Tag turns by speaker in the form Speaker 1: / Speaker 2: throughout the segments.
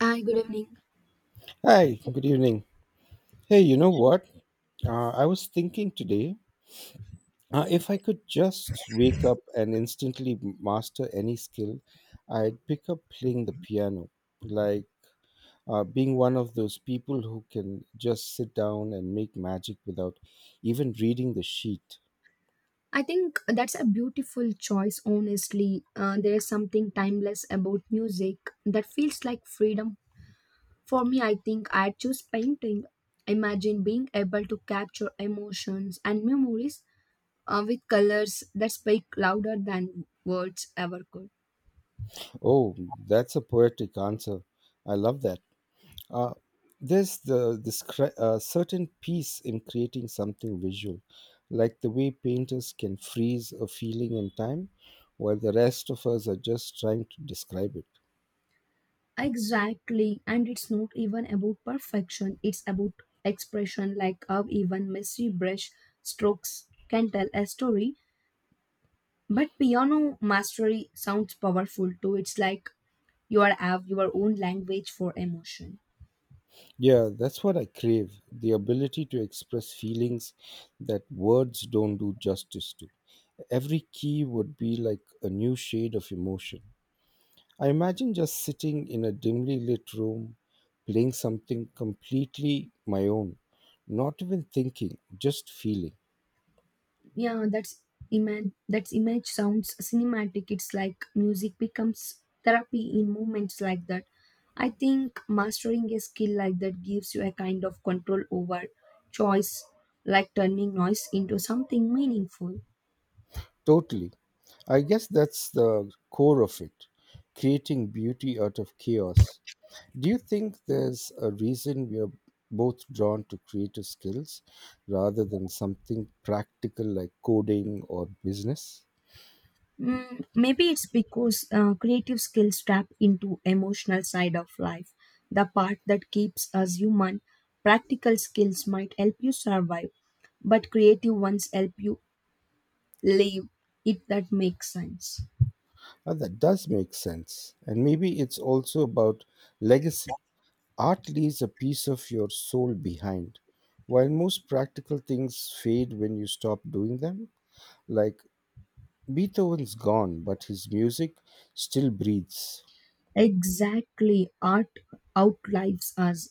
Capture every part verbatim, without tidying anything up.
Speaker 1: Hi, good evening.
Speaker 2: Hi, good evening. Hey, you know what? Uh, I was thinking today, uh, if I could just wake up and instantly master any skill, I'd pick up playing the piano. Like uh, being one of those people who can just sit down and make magic without even reading the sheet.
Speaker 1: I think that's a beautiful choice, honestly. Uh, there is something timeless about music that feels like freedom. For me, I think I'd choose painting. Imagine being able to capture emotions and memories uh, with colors that speak louder than words ever could.
Speaker 2: Oh, that's a poetic answer. I love that. Uh, there's the this cre- uh, certain peace in creating something visual, like the way painters can freeze a feeling in time, while the rest of us are just trying to describe it.
Speaker 1: Exactly, and it's not even about perfection, it's about expression, like how even messy brush strokes can tell a story. But piano mastery sounds powerful too. It's like you are have your own language for emotion.
Speaker 2: Yeah, that's what I crave, the ability to express feelings that words don't do justice to. Every key would be like a new shade of emotion. I imagine just sitting in a dimly lit room, playing something completely my own, not even thinking, just feeling.
Speaker 1: Yeah, that's image. That's image sounds cinematic. It's like music becomes therapy in moments like that. I think mastering a skill like that gives you a kind of control over choice, like turning noise into something meaningful.
Speaker 2: Totally. I guess that's the core of it, creating beauty out of chaos. Do you think there's a reason we are both drawn to creative skills rather than something practical like coding or business?
Speaker 1: Mm, maybe it's because uh, creative skills tap into emotional side of life, the part that keeps us human. Practical skills might help you survive, but creative ones help you live. If that makes sense.
Speaker 2: Uh, that does make sense. And maybe it's also about legacy. Art leaves a piece of your soul behind, while most practical things fade when you stop doing them. Like Beethoven's gone, but his music still breathes.
Speaker 1: Exactly, art outlives us.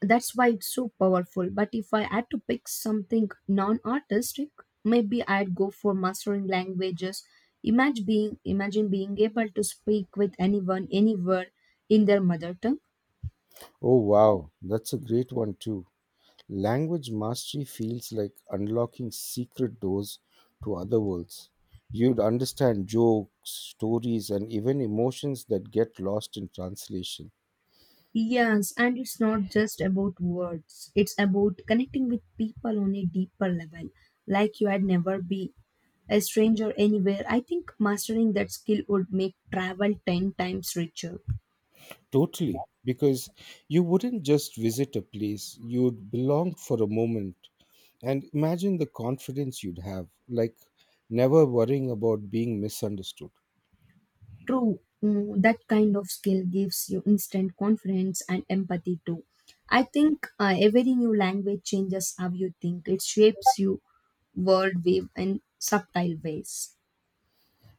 Speaker 1: That's why it's so powerful. But if I had to pick something non artistic, maybe I'd go for mastering languages. Imagine being, imagine being able to speak with anyone, anywhere in their mother tongue.
Speaker 2: Oh, wow, that's a great one, too. Language mastery feels like unlocking secret doors to other worlds. You'd understand jokes, stories, and even emotions that get lost in translation.
Speaker 1: Yes, and it's not just about words, it's about connecting with people on a deeper level, like you had never be a stranger anywhere. I think mastering that skill would make travel ten times richer.
Speaker 2: Totally, because you wouldn't just visit a place, you'd belong for a moment. And imagine the confidence you'd have, like never worrying about being misunderstood.
Speaker 1: True, mm, that kind of skill gives you instant confidence and empathy too. I think uh, every new language changes how you think. It shapes you world wave in subtle ways.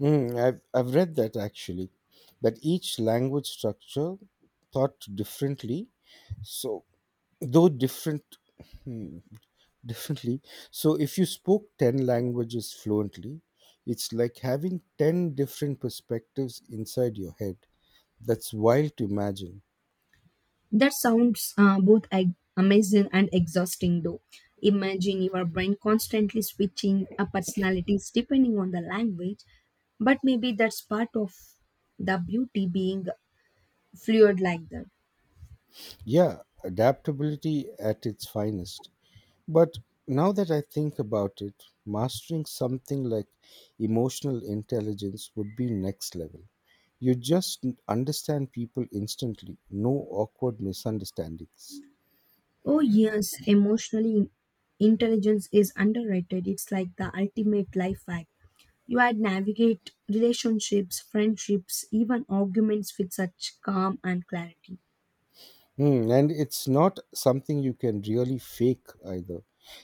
Speaker 2: Mm, I've, I've read that actually, that each language structure thought differently, so though different hmm, differently. So if you spoke ten languages fluently, it's like having ten different perspectives inside your head. That's wild to imagine.
Speaker 1: That sounds uh, both ag- amazing and exhausting though. Imagine your brain constantly switching uh, personalities depending on the language, but maybe that's part of the beauty being fluid like that.
Speaker 2: Yeah, adaptability at its finest. But now that I think about it, mastering something like emotional intelligence would be next level. You just n- understand people instantly, no awkward misunderstandings.
Speaker 1: Oh, yes, emotionally intelligence is underrated. It's like the ultimate life hack. You had navigate relationships, friendships, even arguments with such calm and clarity.
Speaker 2: Mm, and it's not something you can really fake either.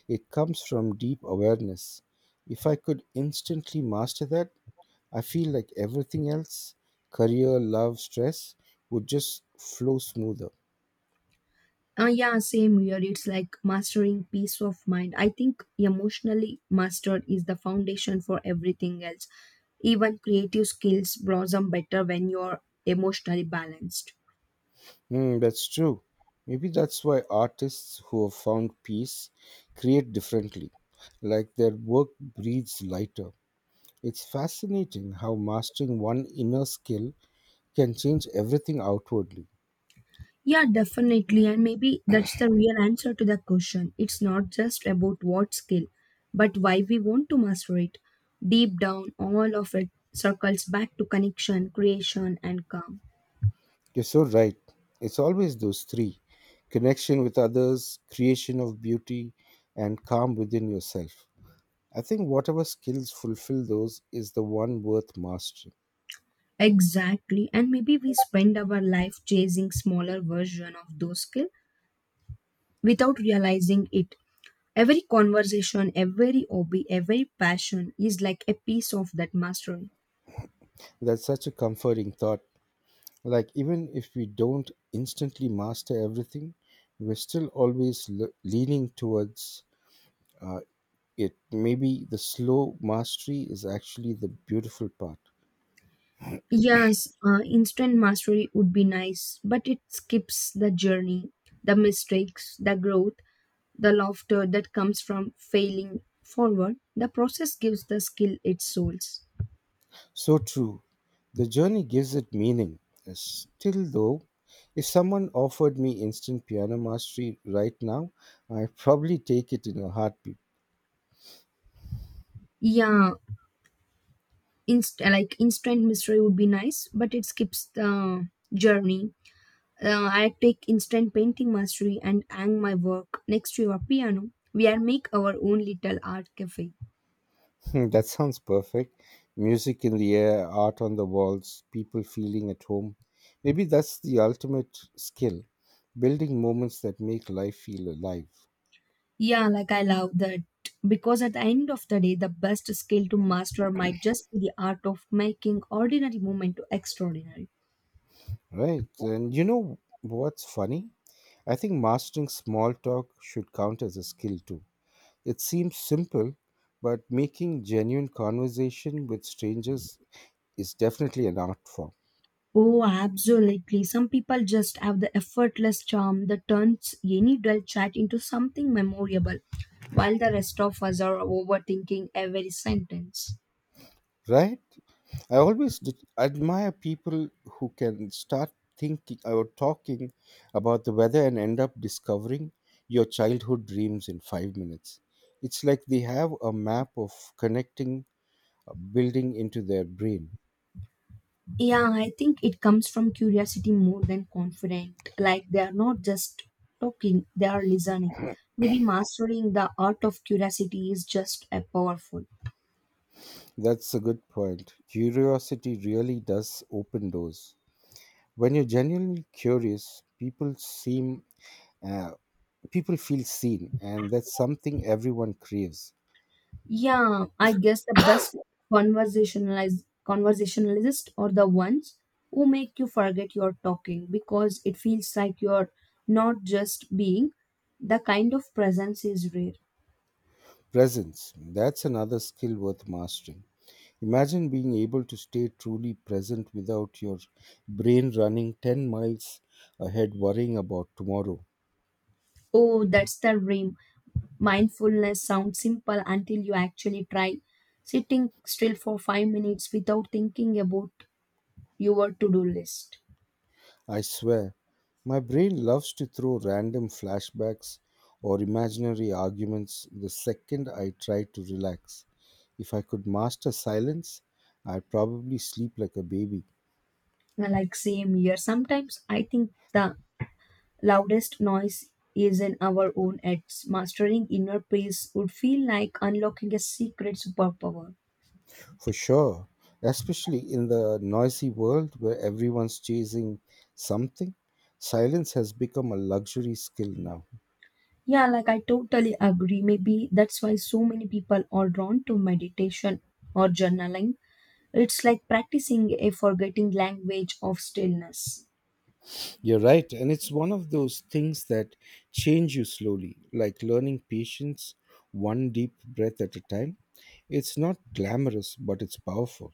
Speaker 2: It comes from deep awareness. If I could instantly master that, I feel like everything else, career, love, stress, would just flow smoother.
Speaker 1: Uh, yeah, same here. It's like mastering peace of mind. I think emotionally mastered is the foundation for everything else. Even creative skills blossom better when you're emotionally balanced.
Speaker 2: Mm, that's true. Maybe that's why artists who have found peace create differently, like their work breathes lighter. It's fascinating how mastering one inner skill can change everything outwardly.
Speaker 1: Yeah, definitely. And maybe that's the real answer to the question. It's not just about what skill, but why we want to master it. Deep down, all of it circles back to connection, creation, and calm.
Speaker 2: You're so right. It's always those three: connection with others, creation of beauty, and calm within yourself. I think whatever skills fulfill those is the one worth mastering.
Speaker 1: Exactly. And maybe we spend our life chasing smaller version of those skills without realizing it. Every conversation, every hobby, every passion is like a piece of that mastery.
Speaker 2: That's such a comforting thought. Like, even if we don't instantly master everything, we're still always le- leaning towards uh, it. Maybe the slow mastery is actually the beautiful part.
Speaker 1: Yes, uh, instant mastery would be nice, but it skips the journey, the mistakes, the growth, the laughter that comes from failing forward. The process gives the skill its souls.
Speaker 2: So true. The journey gives it meaning. Uh, Still, though, if someone offered me instant piano mastery right now, I'd probably take it in a heartbeat.
Speaker 1: Yeah, inst- like instant mastery would be nice, but it skips the journey. Uh, I take instant painting mastery and hang my work next to your piano. We are make our own little art cafe.
Speaker 2: That sounds perfect. Music in the air, art on the walls, people feeling at home. Maybe that's the ultimate skill, building moments that make life feel alive.
Speaker 1: Yeah, like I love that. Because at the end of the day, the best skill to master might just be the art of making ordinary moment to extraordinary.
Speaker 2: Right. And you know what's funny? I think mastering small talk should count as a skill too. It seems simple, but making genuine conversation with strangers is definitely an art form,
Speaker 1: Oh, absolutely. Some people just have the effortless charm that turns any dull chat into something memorable, while the rest of us are overthinking every sentence.
Speaker 2: right? I always d- admire people who can start thinking or talking about the weather and end up discovering your childhood dreams in five minutes. It's like they have a map of connecting, uh, building into their brain.
Speaker 1: Yeah, I think it comes from curiosity more than confident. Like they are not just talking, they are listening. Maybe mastering the art of curiosity is just a powerful.
Speaker 2: That's a good point. Curiosity really does open doors. When you're genuinely curious, people seem Uh, people feel seen, and that's something everyone craves.
Speaker 1: Yeah, I guess the best conversationalize conversationalists are the ones who make you forget you're talking because it feels like you're not just being. The kind of presence is rare.
Speaker 2: Presence, that's another skill worth mastering. Imagine being able to stay truly present without your brain running ten miles ahead worrying about tomorrow.
Speaker 1: Oh, that's the dream. Mindfulness sounds simple until you actually try. Sitting still for five minutes without thinking about your to do list.
Speaker 2: I swear, my brain loves to throw random flashbacks or imaginary arguments the second I try to relax. If I could master silence, I'd probably sleep like a baby.
Speaker 1: Like, same here. Sometimes I think the loudest noise is in our own heads. Mastering inner peace would feel like unlocking a secret superpower.
Speaker 2: For sure, especially in the noisy world where everyone's chasing something, silence has become a luxury skill now.
Speaker 1: Yeah, like I totally agree. Maybe that's why so many people are drawn to meditation or journaling. It's like practicing a forgetting language of stillness.
Speaker 2: You're right, and it's one of those things that change you slowly, like learning patience one deep breath at a time. It's not glamorous, but it's powerful.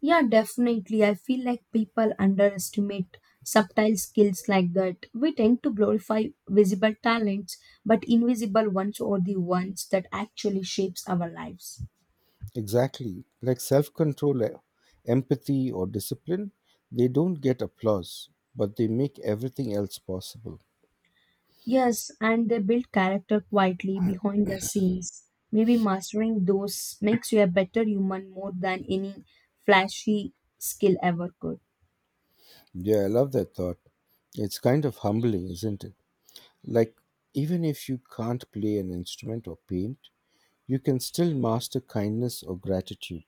Speaker 1: Yeah, definitely. I feel like people underestimate subtle skills like that. We tend to glorify visible talents, but invisible ones are the ones that actually shapes our lives.
Speaker 2: Exactly, like self control, empathy, or discipline, they don't get applause, but they make everything else possible.
Speaker 1: Yes, and they build character quietly behind the scenes. Maybe mastering those makes you a better human more than any flashy skill ever could.
Speaker 2: Yeah, I love that thought. It's kind of humbling, isn't it? Like, even if you can't play an instrument or paint, you can still master kindness or gratitude.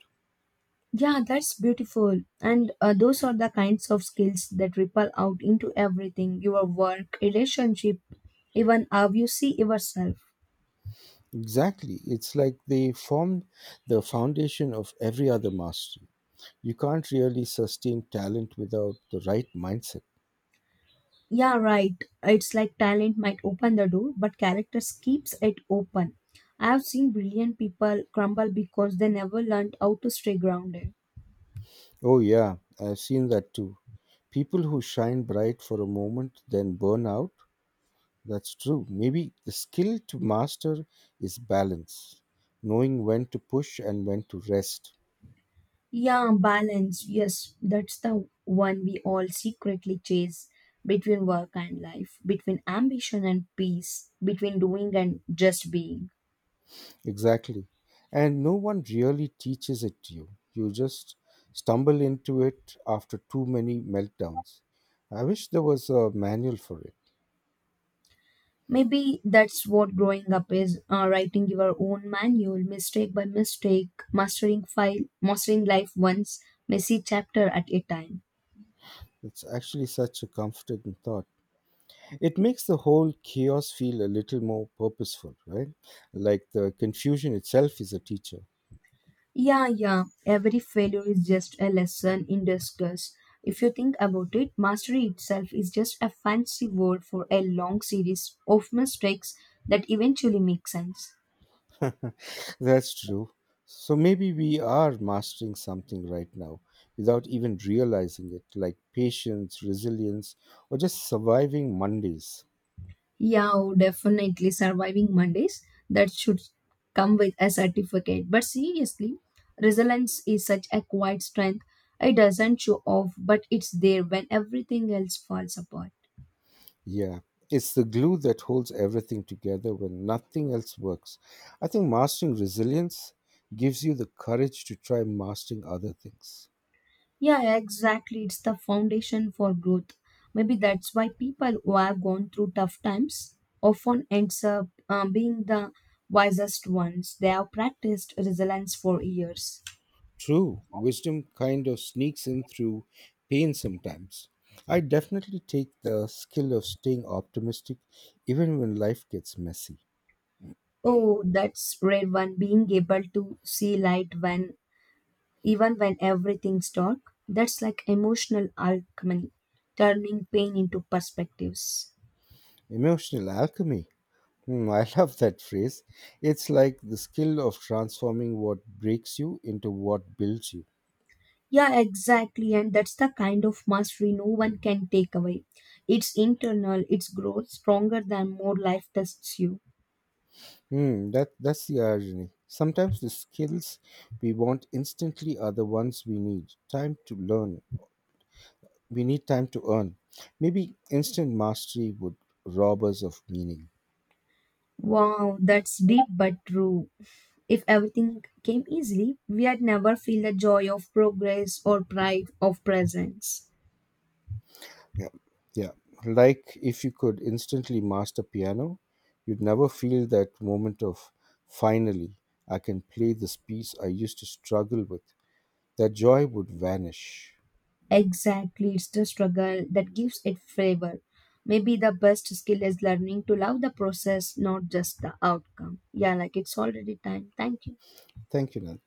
Speaker 1: Yeah, that's beautiful. And uh, those are the kinds of skills that ripple out into everything your work, relationship, even how you see yourself.
Speaker 2: Exactly. It's like they formed the foundation of every other mastery. You can't really sustain talent without the right mindset.
Speaker 1: Yeah, right. It's like talent might open the door, but character keeps it open. I've seen brilliant people crumble because they never learned how to stay grounded.
Speaker 2: Oh, yeah, I've seen that too. People who shine bright for a moment, then burn out. That's true. Maybe the skill to master is balance, knowing when to push and when to rest.
Speaker 1: Yeah, balance. Yes, that's the one we all secretly chase between work and life, between ambition and peace, between doing and just being.
Speaker 2: Exactly. And no one really teaches it to you. You just stumble into it after too many meltdowns. I wish there was a manual for it.
Speaker 1: Maybe that's what growing up is uh, writing your own manual, mistake by mistake, mastering file, mastering life once messy chapter at a time.
Speaker 2: It's actually such a comforting thought. It makes the whole chaos feel a little more purposeful, right? Like the confusion itself is a teacher.
Speaker 1: Yeah, yeah, every failure is just a lesson in disguise. If you think about it, mastery itself is just a fancy word for a long series of mistakes that eventually make sense.
Speaker 2: That's true. So maybe we are mastering something right now without even realizing it, like patience, resilience, or just surviving Mondays.
Speaker 1: Yeah, oh, definitely surviving Mondays. That should come with a certificate. But seriously, resilience is such a quiet strength. It doesn't show off, but it's there when everything else falls apart.
Speaker 2: Yeah, it's the glue that holds everything together when nothing else works. I think mastering resilience gives you the courage to try mastering other things.
Speaker 1: Yeah, exactly. It's the foundation for growth. Maybe that's why people who have gone through tough times often ends up uh, being the wisest ones. They have practiced resilience for years.
Speaker 2: True, wisdom kind of sneaks in through pain sometimes. I definitely take the skill of staying optimistic even when life gets messy.
Speaker 1: Oh, that's rare one being able to see light when even when everything's dark. That's like emotional alchemy, turning pain into perspectives.
Speaker 2: Emotional alchemy. Hmm, I love that phrase. It's like the skill of transforming what breaks you into what builds you.
Speaker 1: Yeah, exactly. And that's the kind of mastery no one can take away. It's internal, it's growth stronger than more life tests you.
Speaker 2: Hmm, that that's the irony. Sometimes the skills we want instantly are the ones we need time to learn. We need time to earn. Maybe instant mastery would rob us of meaning.
Speaker 1: Wow, that's deep but true. If everything came easily, we'd never feel the joy of progress or pride of presence.
Speaker 2: Yeah, yeah. Like if you could instantly master piano, you'd never feel that moment of finally I can play this piece I used to struggle with. That joy would vanish.
Speaker 1: Exactly, it's the struggle that gives it flavor. Maybe the best skill is learning to love the process, not just the outcome. Yeah, like it's already time. Thank you.
Speaker 2: Thank you, Nan.